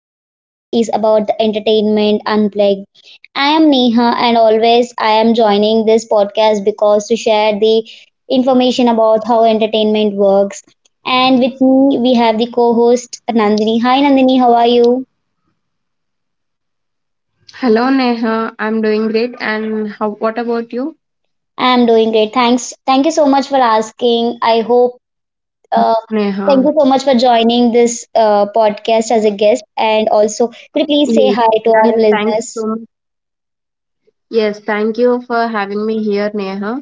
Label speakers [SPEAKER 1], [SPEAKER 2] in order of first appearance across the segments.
[SPEAKER 1] this podcast is about the entertainment unplugged. I am Neha, and always I am joining this podcast because to share the information about how entertainment works. And with me, we have the co host Nandini. Hi, Nandini, how are you?
[SPEAKER 2] Hello, Neha. I'm doing great. And how? What about you,
[SPEAKER 1] I am doing great. Thanks. Thank you so much for asking. I hope Uh,
[SPEAKER 2] Neha?
[SPEAKER 1] thank you so much for joining this podcast as a guest. And also, could you
[SPEAKER 2] Yes.
[SPEAKER 1] please say hi
[SPEAKER 2] and
[SPEAKER 1] to
[SPEAKER 2] Thank
[SPEAKER 1] our
[SPEAKER 2] you so much.
[SPEAKER 1] listeners?
[SPEAKER 2] Yes. Thank you for having me here, Neha.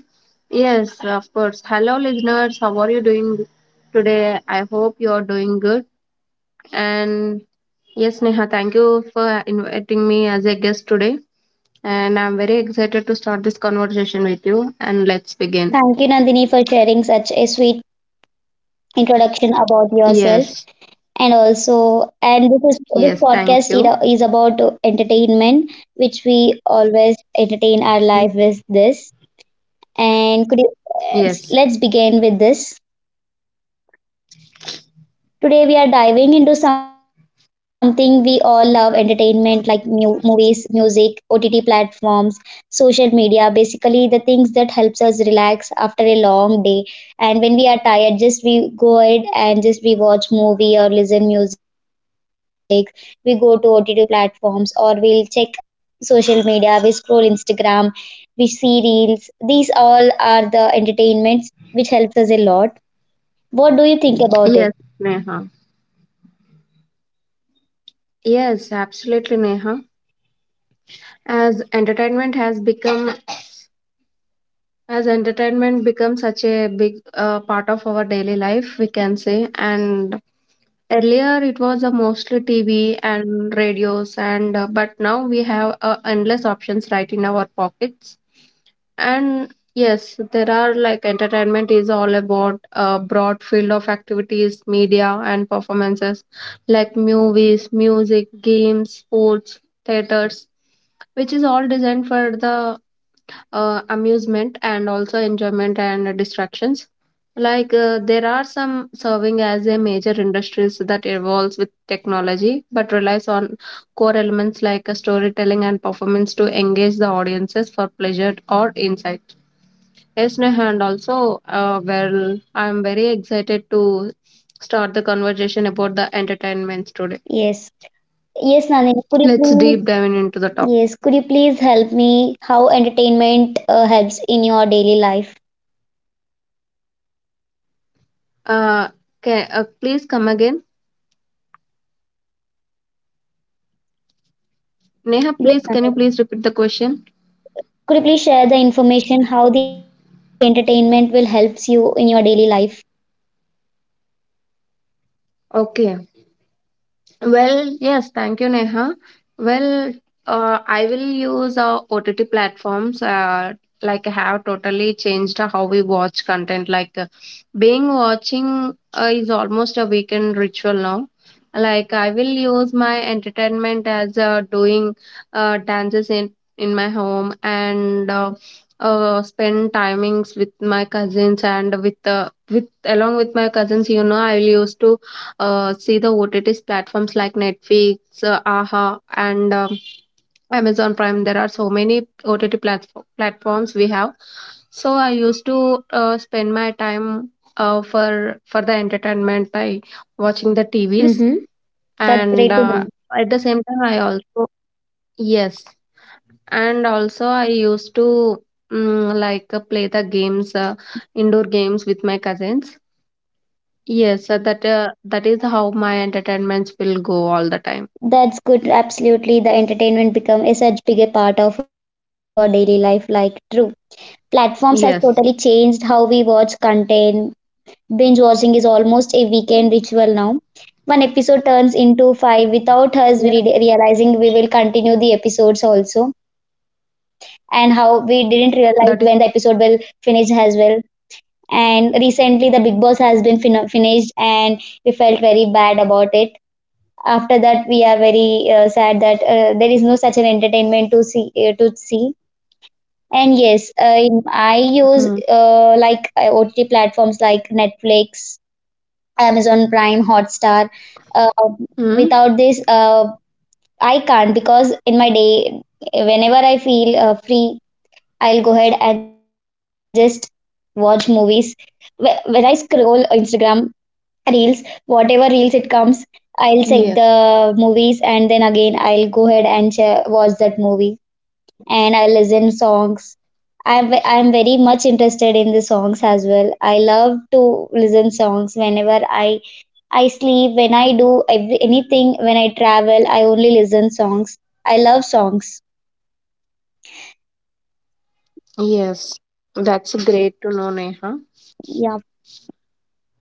[SPEAKER 2] Yes, of course. Hello, listeners. How are you doing today? I hope you are doing good. And yes, Neha, thank you for inviting me as a guest today. And I'm very excited to start this conversation with you. And let's begin.
[SPEAKER 1] Thank you, Nandini, for sharing such a sweet introduction about yourself.
[SPEAKER 2] Yes.
[SPEAKER 1] And also, and this is this
[SPEAKER 2] Yes.
[SPEAKER 1] podcast
[SPEAKER 2] Thank you.
[SPEAKER 1] is about entertainment, which we always entertain our life with this. And could you,
[SPEAKER 2] Yes.
[SPEAKER 1] let's begin with this. Today we are diving into something we all love entertainment like movies, music, OTT platforms, social media, basically the things that helps us relax after a long day. And when we are tired, just we go ahead and just we watch movie or listen music. We go to OTT platforms or we'll check social media, we scroll Instagram, we see reels. These all are the entertainments which helps us a lot. What do you think about it?
[SPEAKER 2] Yes, Neha. Yes, absolutely, Neha. As entertainment has become, as entertainment becomes such a big part of our daily life, we can say. And earlier, it was mostly TV and radios, and but now we have endless options right in our pockets. And yes, there are, like, entertainment is all about a broad field of activities, media and performances, like movies, music, games, sports, theaters, which is all designed for the amusement and also enjoyment and distractions. Like, there are some serving as a major industries that evolves with technology but relies on core elements like storytelling and performance to engage the audiences for pleasure or insight. Yes, Neha, and also, well, I'm very excited to start the conversation about the entertainments today.
[SPEAKER 1] Yes. Yes, Nandini, could you
[SPEAKER 2] Let's
[SPEAKER 1] please?
[SPEAKER 2] deep dive into the topic.
[SPEAKER 1] Yes, could you please help me? How entertainment helps in your daily life?
[SPEAKER 2] Uh, please come again. Neha,
[SPEAKER 1] Yes,
[SPEAKER 2] please, can you
[SPEAKER 1] Nandini.
[SPEAKER 2] please repeat the question?
[SPEAKER 1] Could you please share the information how the entertainment will helps you in your daily life?
[SPEAKER 2] Okay. Well, yes, thank you, Neha. Well, I will use OTT platforms like, have totally changed how we watch content. Being watching is almost a weekend ritual now. Like, I will use my entertainment as doing dances in my home and spend timings with my cousins and with along with my cousins. You know, I will use to see the OTTs platforms like Netflix, Aha, and Amazon Prime. There are so many OTT platforms we have. So I used to spend my time for the entertainment by watching the TVs,
[SPEAKER 1] Mm-hmm. That's
[SPEAKER 2] and
[SPEAKER 1] great to know.
[SPEAKER 2] at the same time I also, yes, and also I used to, play the games, indoor games with my cousins. Yes, that is how my entertainments will go all the time.
[SPEAKER 1] That's good. Absolutely, the entertainment become a such big a part of our daily life. Like true platforms has totally
[SPEAKER 2] Yes.
[SPEAKER 1] changed how we watch content. Binge watching is almost a weekend ritual now. One episode turns into five without us
[SPEAKER 2] Yes.
[SPEAKER 1] realizing we will continue the episodes also, and how we didn't realize when the episode
[SPEAKER 2] That is.
[SPEAKER 1] will finish as well. And recently, the Big Boss has been finished, and we felt very bad about it. After that, we are very sad that there is no such an entertainment to see to see. And yes, I use
[SPEAKER 2] Hmm.
[SPEAKER 1] OTT platforms like Netflix, Amazon Prime, Hotstar. Uh,
[SPEAKER 2] Hmm?
[SPEAKER 1] without this, I can't because in my day, whenever I feel free, I'll go ahead and just watch movies. When I scroll Instagram reels, whatever reels it comes, I'll check
[SPEAKER 2] Yeah.
[SPEAKER 1] the movies and then again I'll go ahead and watch that movie and I listen songs. I'm very much interested in the songs as well. I love to listen songs whenever I sleep, when I do every, anything, when I travel, I only listen songs. I love songs.
[SPEAKER 2] Yes, that's great to know, Neha.
[SPEAKER 1] Yeah,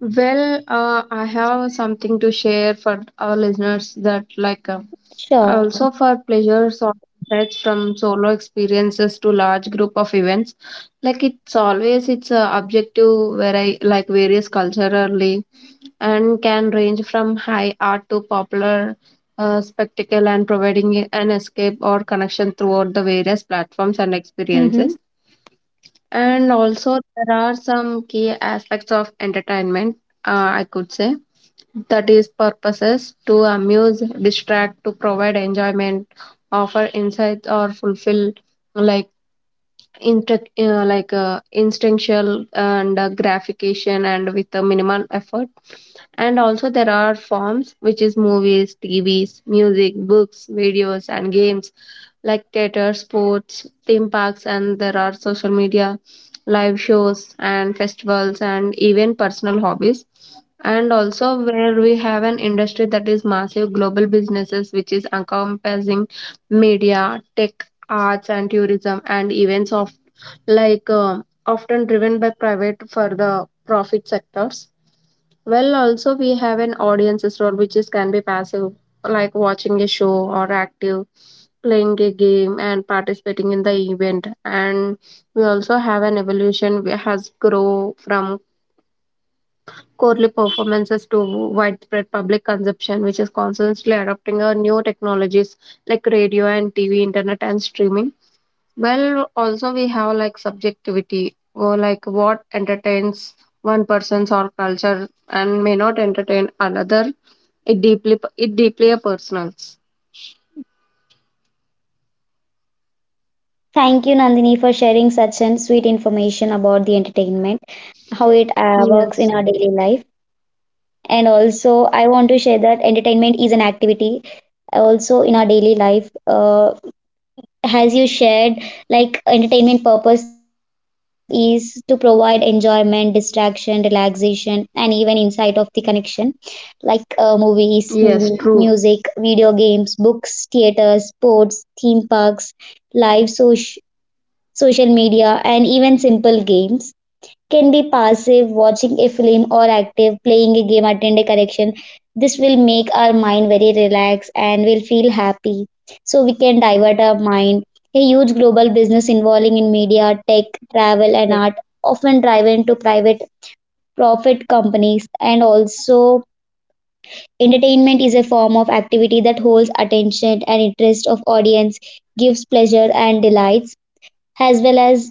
[SPEAKER 2] Well, I have something to share for our listeners that,
[SPEAKER 1] sure.
[SPEAKER 2] also for pleasures or threats, from solo experiences to large group of events. Like, it's always it's objective where I like various culturally and can range from high art to popular spectacle and providing an escape or connection throughout the various platforms and experiences.
[SPEAKER 1] Mm-hmm.
[SPEAKER 2] And also, there are some key aspects of entertainment, I could say, that is, purposes to amuse, distract, to provide enjoyment, offer insights, or fulfill, like, instinctual and gratification and with a minimal effort. And also there are forms, which is movies, TVs, music, books, videos and games, like theater, sports, theme parks, and there are social media, live shows and festivals, and even personal hobbies. And also, where we have an industry that is massive global businesses, which is encompassing media, tech, arts and tourism, and events of, often driven by private for the profit sectors. Well, also we have an audiences role, which is can be passive, like watching a show, or active, playing a game and participating in the event. And we also have an evolution, which has grow from quarterly performances to widespread public consumption, which is constantly adopting our new technologies, like radio and TV, internet and streaming. Well, also we have, like, subjectivity, or, like, what entertains one person's or culture and may not entertain another. It deeply a personal.
[SPEAKER 1] Thank you, Nandini, for sharing such an sweet information about the entertainment, how it works
[SPEAKER 2] Yes.
[SPEAKER 1] in our daily life. And also, I want to share that entertainment is an activity also in our daily life. As you shared, like entertainment purpose is to provide enjoyment, distraction, relaxation, and even insight of the connection, like movies,
[SPEAKER 2] Yes,
[SPEAKER 1] TV,
[SPEAKER 2] true.
[SPEAKER 1] music, video games, books, theaters, sports, theme parks, live social media, and even simple games can be passive, watching a film, or active, playing a game, attend a correction. This will make our mind very relaxed and we'll feel happy. So we can divert our mind. A huge global business involving in media, tech, travel, and
[SPEAKER 2] Yes.
[SPEAKER 1] art often driven to private profit companies, and also entertainment is a form of activity that holds attention and interest of audience, gives pleasure and delights, as well as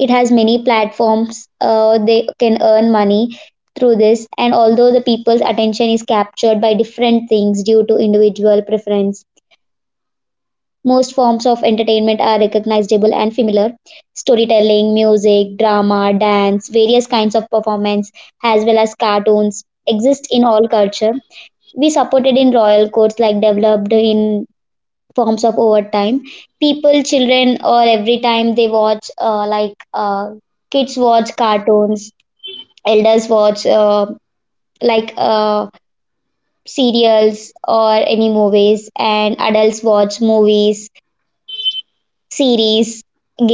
[SPEAKER 1] it has many platforms they can earn money through this. And although the people's attention is captured by different things due to individual preference, most forms of entertainment are recognizable and familiar: storytelling, music, drama, dance, various kinds of performance, as well as cartoons exist in all culture. We supported in royal courts like developed in forms of overtime. People, children, or every time they watch, kids watch cartoons, elders watch like uh, serials or any movies, and adults watch movies series,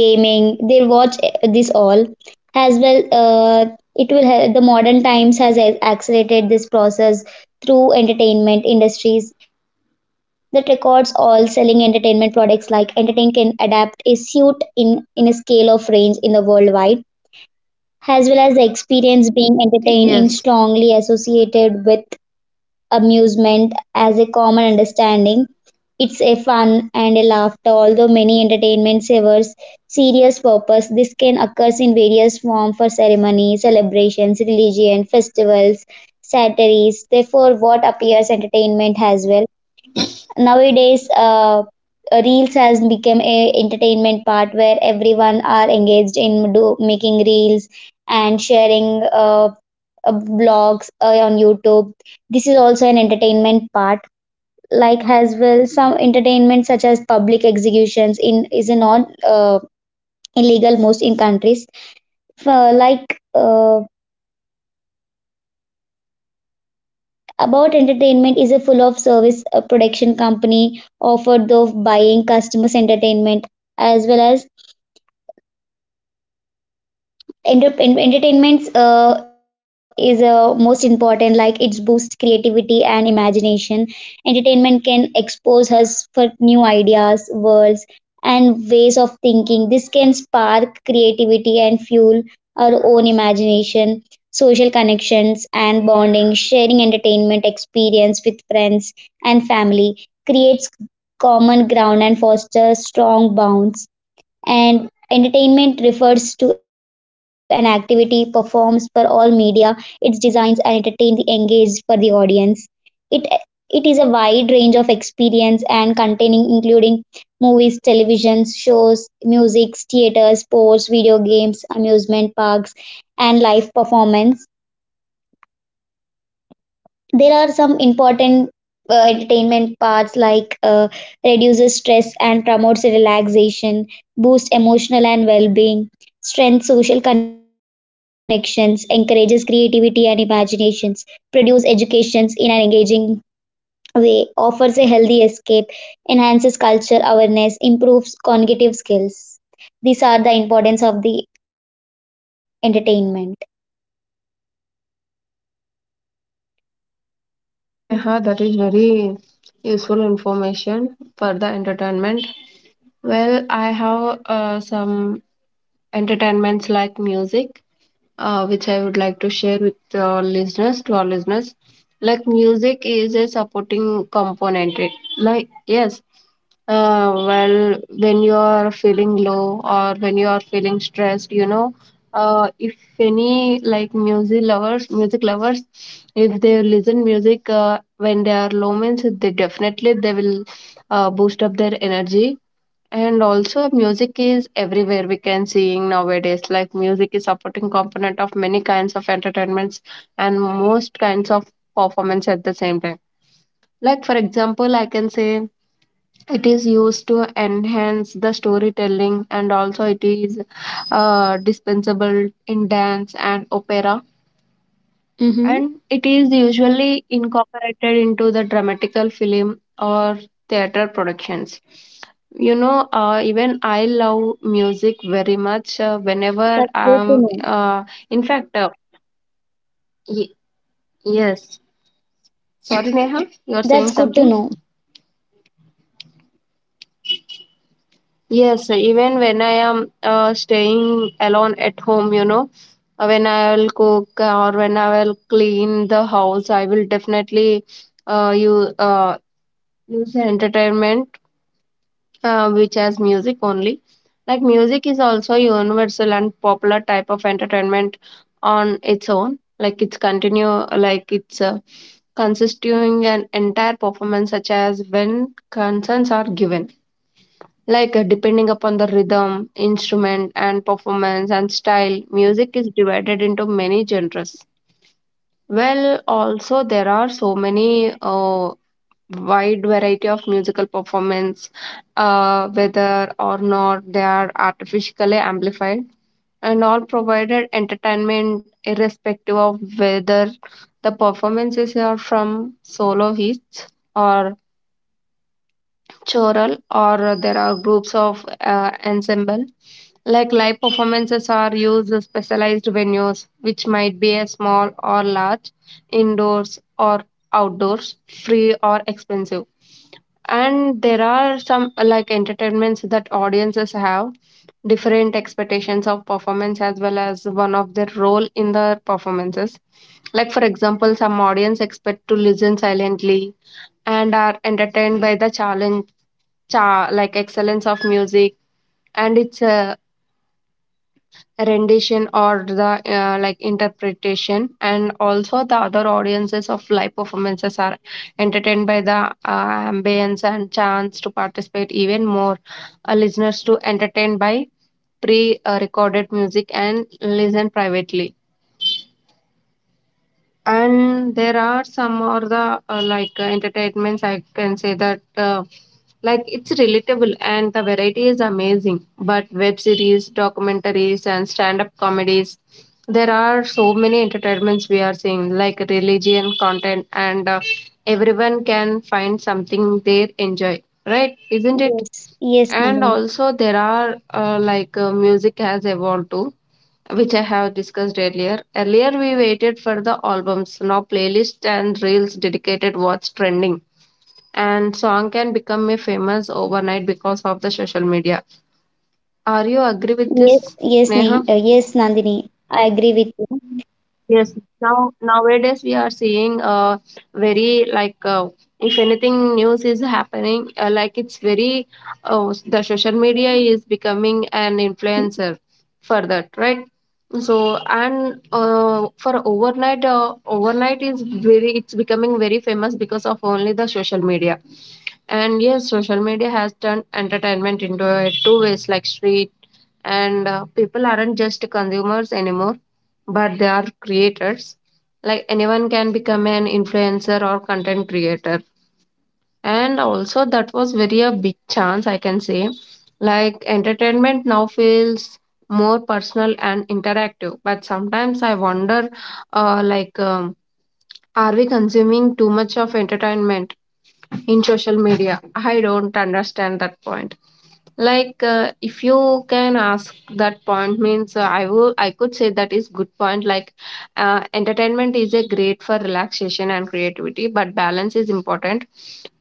[SPEAKER 1] gaming. They watch this all as well. It will help. The modern times has accelerated this process through entertainment industries that records all selling entertainment products, like entertain can adapt a suit in a scale of range in the worldwide, as well as the experience being entertained in
[SPEAKER 2] Yes.
[SPEAKER 1] strongly associated with amusement as a common understanding. It's a fun and a laughter, although many entertainment serves serious purpose. This can occur in various forms for ceremony, celebrations, religion, festivals, satires. Therefore, what appears entertainment as well. Nowadays, reels has become a entertainment part where everyone are engaged in do making reels and sharing blogs on YouTube. This is also an entertainment part, like as well some entertainment such as public executions in is not illegal most in countries for like about entertainment is a full of service production company offered of buying customers entertainment, as well as entertainments is most important, like it's boost creativity and imagination. Entertainment can expose us for new ideas, worlds, and ways of thinking. This can spark creativity and fuel our own imagination. Social connections and bonding: sharing entertainment experience with friends and family creates common ground and fosters strong bonds. And entertainment refers to an activity performed for all media, its designs and entertain the engaged for the audience. It it is a wide range of experience and containing, including movies, televisions shows, music, theaters, sports, video games, amusement parks, and live performance. There are some important entertainment parts like reduces stress and promotes relaxation, boosts emotional and well-being, strengthens social connections, encourages creativity and imaginations, produce educations in an engaging way, offers a healthy escape, enhances culture awareness, improves cognitive skills. These are the importance of the entertainment.
[SPEAKER 2] Well, thank you, Neha. That is very useful information for the entertainment. Well, I have some entertainments like music, which I would like to share with our listeners to our listeners. Like, music is a supporting component. It, like, yes, well, when you are feeling low or when you are feeling stressed, you know, if any like music lovers, if they listen music when they are low means, they definitely they will boost up their energy. And also, music is everywhere we can seeing nowadays. Like, music is supporting component of many kinds of entertainments and most kinds of performance at the same time. Like, for example, I can say it is used to enhance the storytelling, and also it is dispensable in dance and opera,
[SPEAKER 1] Mm-hmm.
[SPEAKER 2] and it is usually incorporated into the dramatical film or theater productions. You know, even I love music very much. Uh, whenever
[SPEAKER 1] That's good to
[SPEAKER 2] I'm
[SPEAKER 1] know.
[SPEAKER 2] in fact y- yes Sorry, Neha, you're saying
[SPEAKER 1] That's good to
[SPEAKER 2] something.
[SPEAKER 1] know.
[SPEAKER 2] Yes, even when I am staying alone at home, you know, when I will cook or when I will clean the house, I will definitely you uh, use the entertainment which has music only. Like, music is also universal and popular type of entertainment on its own. Like, it's consisting an entire performance, such as when concerns are given. Like, depending upon the rhythm, instrument, and performance and style, music is divided into many genres. Well, also there are so many wide variety of musical performance, whether or not they are artificially amplified, and all provided entertainment irrespective of whether the performances are from soloists, or choral, or there are groups of ensemble. Like, live performances are used in specialized venues, which might be a small or large, indoors or outdoors, free or expensive. And there are some entertainments that audiences have different expectations of performance, as well as one of their role in the performances. Like, for example, some audience expect to listen silently and are entertained by the challenge cha like excellence of music and its rendition, or the interpretation. And also, the other audiences of live performances are entertained by the ambience and chance to participate even more. Listeners to entertain by pre-recorded music and listen privately. And there are some, or the like entertainments I can say that, like, it's relatable and the variety is amazing, but web series, documentaries and stand up comedies, there are so many entertainments we are seeing, like religion content, and everyone can find something they enjoy,
[SPEAKER 1] Yes,
[SPEAKER 2] right? Isn't
[SPEAKER 1] yes,
[SPEAKER 2] it?
[SPEAKER 1] Nandini.
[SPEAKER 2] And also, there are music has evolved too, which I have discussed earlier. Earlier, we waited for the albums. Now, playlists and reels dedicated what's trending. And song can become a famous overnight because of the social media. Are you agree with
[SPEAKER 1] Yes,
[SPEAKER 2] this,
[SPEAKER 1] yes,
[SPEAKER 2] Neha?
[SPEAKER 1] Ne- uh, yes, Nandini. I agree with you.
[SPEAKER 2] Yes, nowadays we are seeing very like if anything news is happening, like, it's very, oh, the social media is becoming an influencer for that, right? So, and for overnight overnight is very, it's becoming very famous because of only the social media. And yes, social media has turned entertainment into a two ways like street. And people aren't just consumers anymore, but they are creators. Like, anyone can become an influencer or content creator. And also, that was very a big chance, I can say. Like, entertainment now feels more personal and interactive. But sometimes I wonder, uh, like, um, are we consuming too much of entertainment in social media? I don't understand that point. Like, if you can ask that point, means, I could say that is good point. Like, entertainment is a great for relaxation and creativity, but balance is important.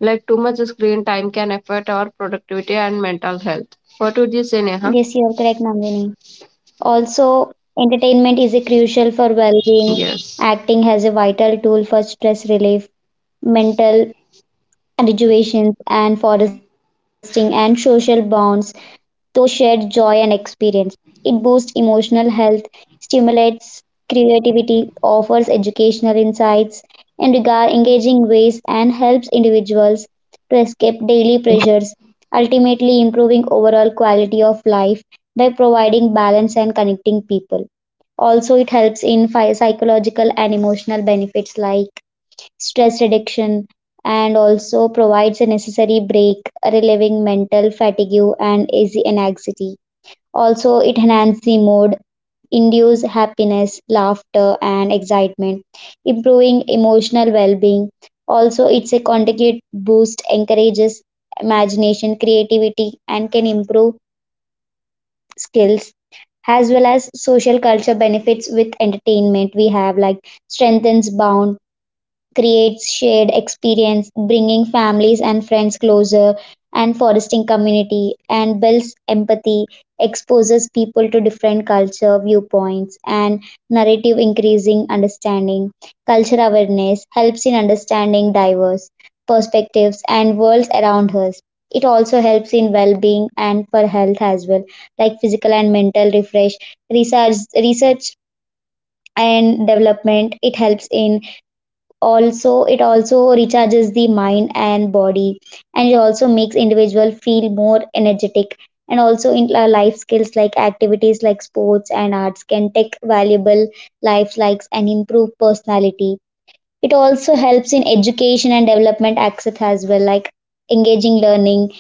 [SPEAKER 2] Like, too much screen time can affect our productivity and mental health. What would you say, Neha?
[SPEAKER 1] Yes, you are correct, Nandini. Also, entertainment is a crucial for well-being.
[SPEAKER 2] Yes.
[SPEAKER 1] Acting has a vital tool for stress relief, mental rejuvenation, and fostering and social bonds through shared joy and experience. It boosts emotional health, stimulates creativity, offers educational insights and regard engaging ways, and helps individuals to escape daily pressures, ultimately improving overall quality of life by providing balance and connecting people. Also, it helps in psychological and emotional benefits like stress reduction, and also provides a necessary break, relieving mental fatigue and easy anxiety. Also, it enhances the mood, induce happiness, laughter, and excitement, improving emotional well-being. Also, it's a conjugate boost, encourages imagination, creativity, and can improve skills, as well as social culture benefits with entertainment we have like strengthens bond, creates shared experience, bringing families and friends closer and fostering community, and builds empathy, exposes people to different culture viewpoints and narrative increasing understanding. Culture awareness helps in understanding diverse perspectives and worlds around us. It also helps in well-being and for health as well, like physical and mental refresh, research and development. It helps in also it also recharges the mind and body, and it also makes individual feel more energetic, and also in life skills like activities like sports and arts can take valuable life likes and improve personality. It also helps in education and development access as well, like engaging learning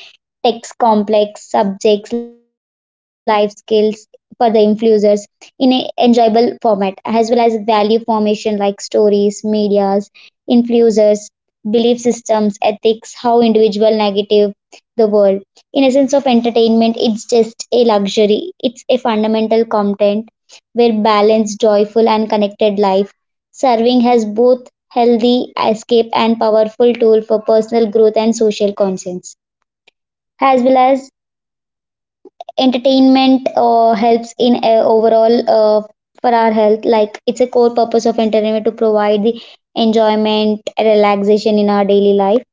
[SPEAKER 1] text complex subjects, life skills for the influencers in a enjoyable format, as well as value formation like stories, medias, influencers, belief systems, ethics, how individual negative the world. In essence of entertainment, it's just a luxury. It's a fundamental content where balanced, joyful, and connected life serving as both healthy escape and powerful tool for personal growth and social conscience, as well as entertainment helps in overall for our health, like it's a core purpose of entertainment to provide the enjoyment relaxation in our daily life.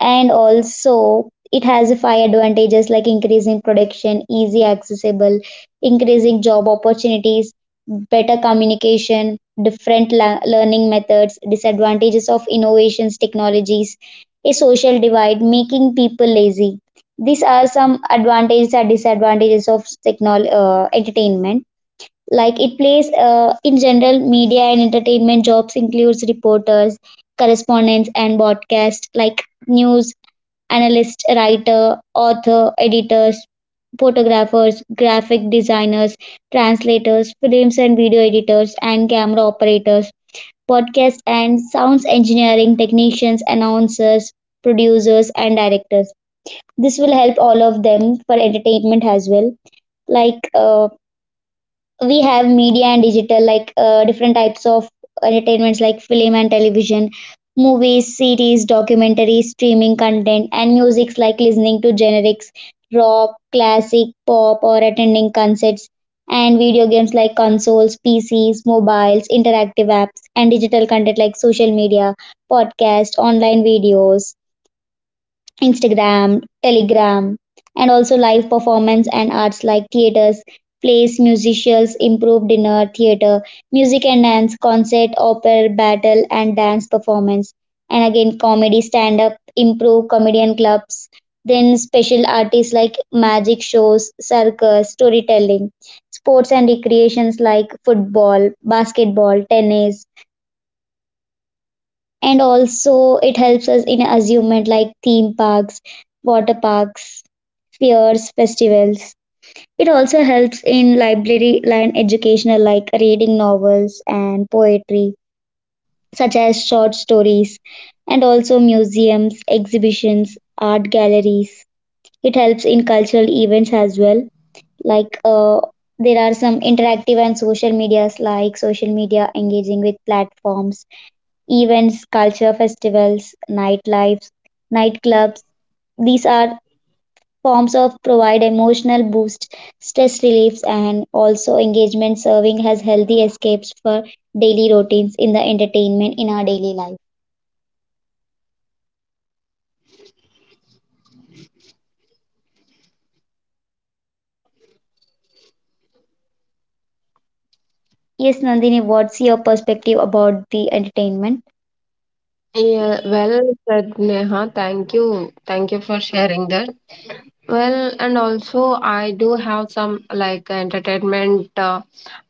[SPEAKER 1] And also it has five advantages like increasing production, easy accessible, increasing job opportunities, better communication, different learning methods. Disadvantages of innovations technologies: a social divide, making people lazy. These are some advantages and disadvantages of entertainment. Like it plays in general media and entertainment jobs includes reporters, correspondents and broadcast like news analyst, writer, author, editors, photographers, graphic designers, translators, films and video editors and camera operators, podcast and sounds engineering technicians, announcers, producers and directors. This will help all of them for entertainment as well, like we have media and digital like different types of entertainments like film and television, movies, series, documentaries, streaming content, and musics like listening to generics rock classic pop or attending concerts, and video games like consoles, pcs, mobiles, interactive apps, and digital content like social media, podcast, online videos, Instagram, Telegram, and also live performance and arts like theaters, plays, musicals, improv dinner, theater, music and dance, concert, opera, battle, and dance performance. And again, comedy, stand up, improv, comedian clubs. Then special artists like magic shows, circus, storytelling, sports and recreations like football, basketball, tennis, and also it helps us in amusement like theme parks, water parks, fairs, festivals. It also helps in library and educational like reading novels and poetry such as short stories, and also museums, exhibitions, art galleries. It helps in cultural events as well, like there are some interactive and social medias like social media engaging with platforms events, culture festivals, nightlife, nightclubs. These are forms of provide emotional boost, stress reliefs, and also engagement, serving as healthy escapes for daily routines in the entertainment in our daily life. Yes, Nandini, what's your perspective about the entertainment?
[SPEAKER 2] Yeah, well said, Neha. Thank you. Thank you for sharing that. Well, and also I do have some like entertainment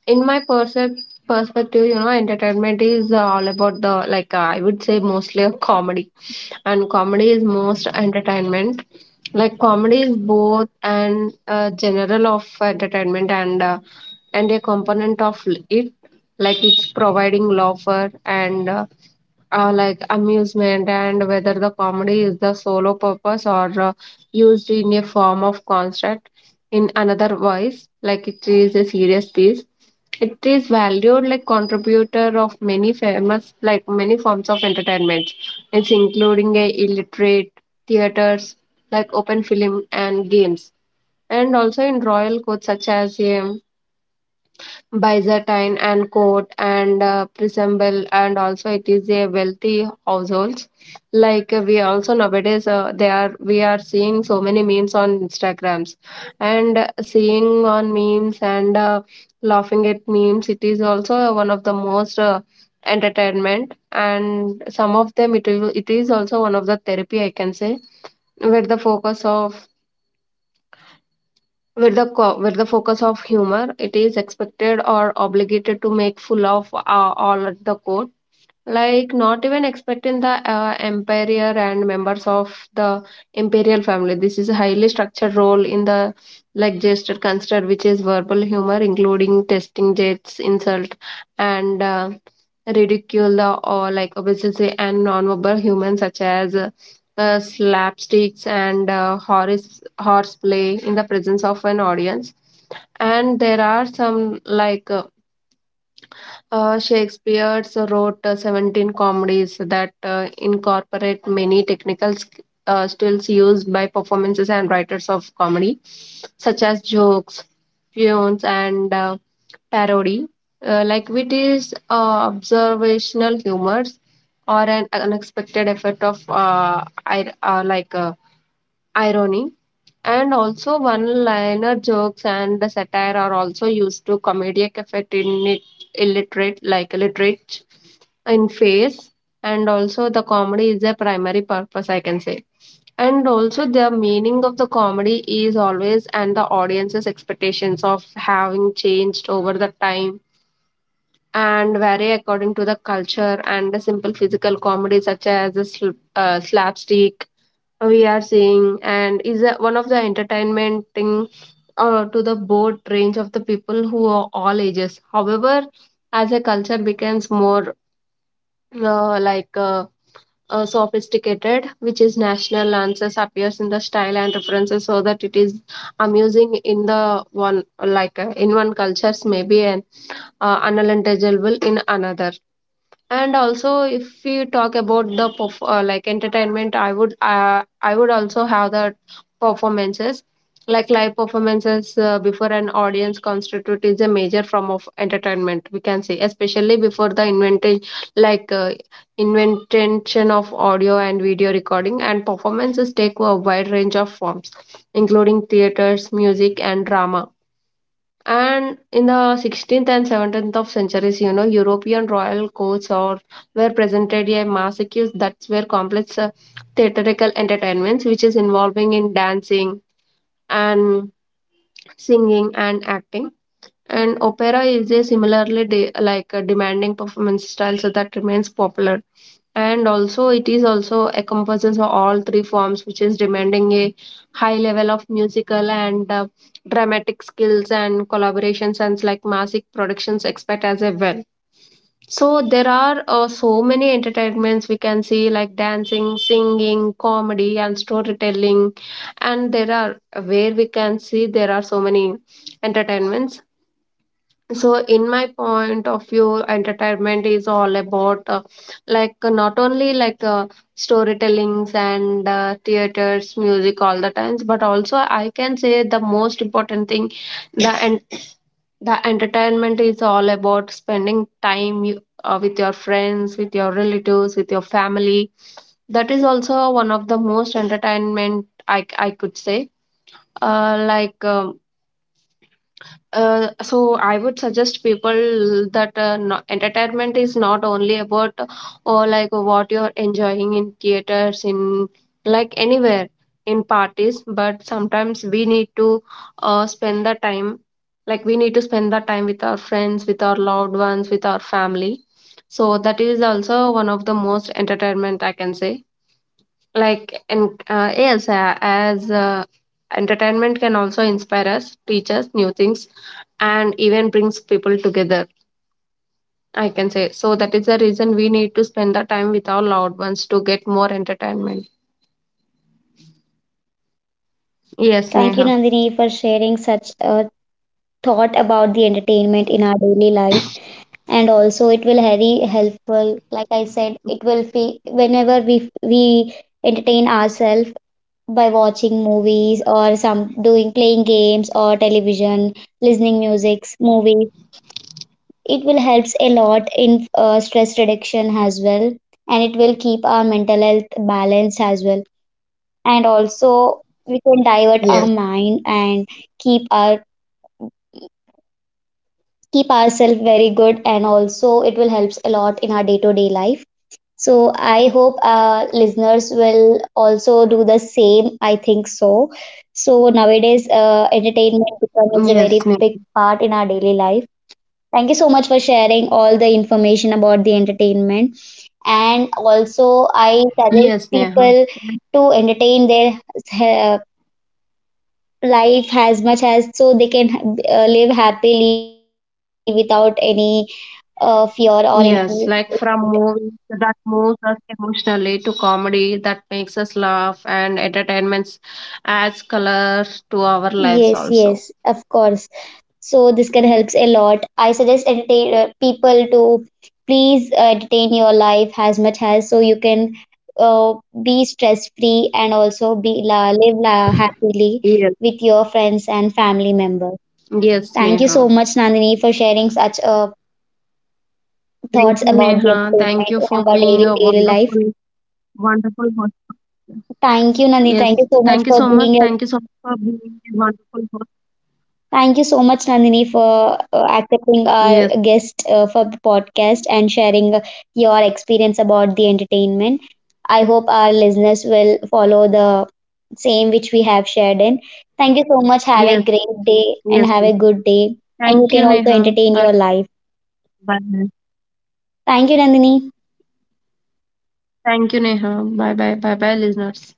[SPEAKER 2] in my perspective. You know, entertainment is all about the like I would say mostly a comedy, and comedy is most entertainment. Like comedy is both an general of entertainment and a component of it. Like it's providing laughter and like amusement, and whether the comedy is the solo purpose or used in a form of construct in another voice, like it is a serious piece. It is valued like contributor of many famous like many forms of entertainment. It's including a illiterate theaters like open film and games, and also in royal codes such as a Byzantine and court and Prisamble, and also it is a wealthy households. Like we also nowadays they are we are seeing so many memes on Instagrams and seeing on memes and laughing at memes, it is also one of the most entertainment. And some of them, it, will, it is also one of the therapy, I can say, where the focus of with the focus of humor, it is expected or obligated to make full of all at the core, like not even expecting the emperor and members of the imperial family. This is a highly structured role in the like gesture construct, which is verbal humor including testing jets insult and ridicule or like obesity, and non-verbal humor such as slapsticks and horseplay in the presence of an audience. And there are some like Shakespeare wrote 17 comedies that incorporate many technical skills used by performances and writers of comedy, such as jokes, punes, and parody. Like wit is observational humors or an unexpected effect of like irony. And also, one-liner jokes and satire are also used to comedic effect in it, illiterate, like illiterate in face. And also, the comedy is their primary purpose, I can say. And also, the meaning of the comedy is always and the audience's expectations of having changed over the time and vary according to the culture, and the simple physical comedy such as the slapstick we are seeing and is a, one of the entertainment thing to the broad range of the people who are all ages. However, as a culture becomes more uh, like uh, sophisticated, which is national answers appears in the style and references, so that it is amusing in the one like in one cultures maybe, and unintelligible in another. And also, if we talk about the like entertainment, I would also have the performances, like live performances before an audience constitute is a major form of entertainment, we can say, especially before the invention like invention of audio and video recording. And performances take a wide range of forms including theaters music and drama. And in the 16th and 17th of centuries, you know, European royal courts or were presented a massacre, that's where complex theatrical entertainments, which is involving in dancing and singing and acting. And opera is a similarly like a demanding performance style so that remains popular. And also it is also encompasses all three forms, which is demanding a high level of musical and dramatic skills and collaborations, and like massive productions expect as a well. So there are so many entertainments we can see, like dancing, singing, comedy and storytelling, and there are where we can see there are so many entertainments. So in my point of view, entertainment is all about not only like storytellings and theaters music all the times, but also I can say the most important thing, the and the entertainment is all about spending time you, with your friends, with your relatives, with your family. That is also one of the most entertainment I could say. uh, like um, so I would suggest people that no, entertainment is not only about or like what you're enjoying in theaters, in like anywhere, in parties, but sometimes we need to spend the time, like we need to spend the time with our friends, with our loved ones, with our family. So that is also one of the most entertainment I can say. Like and Yes, as entertainment can also inspire us, teach us new things, and even brings people together, I can say. So that is the reason we need to spend the time with our loved ones to get more entertainment. Yes,
[SPEAKER 1] Thank you,
[SPEAKER 2] Neha.
[SPEAKER 1] Nandini, for sharing such a thought about the entertainment in our daily life. And also it will very helpful, like I said, it will feel whenever we entertain ourselves by watching movies or some doing playing games or television, listening musics, movies. It will helps a lot in stress reduction as well, and it will keep our mental health balanced as well. And also we can divert our
[SPEAKER 2] Yes.
[SPEAKER 1] mind and keep our keep ourselves very good, and also it will helps a lot in our day to day life. So I hope listeners will also do the same. I think so. So nowadays, entertainment becomes a very
[SPEAKER 2] Yes, Ne-.
[SPEAKER 1] big part in our daily life. Thank you so much for sharing all the information about the entertainment. And also, I suggest
[SPEAKER 2] Yes, Neha.
[SPEAKER 1] people to entertain their uh, life as much as so they can live happily without any fear or any.
[SPEAKER 2] Yes, like from movies that moves us emotionally to comedy that makes us laugh, and entertainments adds color to our lives
[SPEAKER 1] Yes,
[SPEAKER 2] also.
[SPEAKER 1] yes, of course. So this can helps a lot. I suggest entertain people to please entertain your life as much as so you can be stress free, and also live happily
[SPEAKER 2] Yes.
[SPEAKER 1] with your friends and family members.
[SPEAKER 2] Yes,
[SPEAKER 1] Thank you so
[SPEAKER 2] Neha.
[SPEAKER 1] much, Nandini, for sharing such
[SPEAKER 2] Thank
[SPEAKER 1] thoughts
[SPEAKER 2] you,
[SPEAKER 1] about the
[SPEAKER 2] Neha. Thank
[SPEAKER 1] entertainment
[SPEAKER 2] you
[SPEAKER 1] and
[SPEAKER 2] for
[SPEAKER 1] about
[SPEAKER 2] being
[SPEAKER 1] daily
[SPEAKER 2] a
[SPEAKER 1] daily life.
[SPEAKER 2] wonderful, wonderful host.
[SPEAKER 1] Thank you, Nandini. Thank
[SPEAKER 2] Yes.
[SPEAKER 1] you so much
[SPEAKER 2] Thank you
[SPEAKER 1] for
[SPEAKER 2] so much.
[SPEAKER 1] being
[SPEAKER 2] Thank you so much for being a wonderful host.
[SPEAKER 1] Thank you so much, Nandini, for accepting
[SPEAKER 2] Yes.
[SPEAKER 1] our guest for the podcast and sharing your experience about the entertainment. I hope our listeners will follow the same which we have shared in. Thank you so much. Have
[SPEAKER 2] Yes.
[SPEAKER 1] a great day and
[SPEAKER 2] Yes.
[SPEAKER 1] have a
[SPEAKER 2] Neha.
[SPEAKER 1] good day. And you
[SPEAKER 2] Thank
[SPEAKER 1] can
[SPEAKER 2] you,
[SPEAKER 1] also
[SPEAKER 2] Neha.
[SPEAKER 1] entertain
[SPEAKER 2] Bye.
[SPEAKER 1] your life.
[SPEAKER 2] Bye.
[SPEAKER 1] Thank you, Nandini.
[SPEAKER 2] Thank you, Neha. Bye. Bye. Bye. Bye, listeners.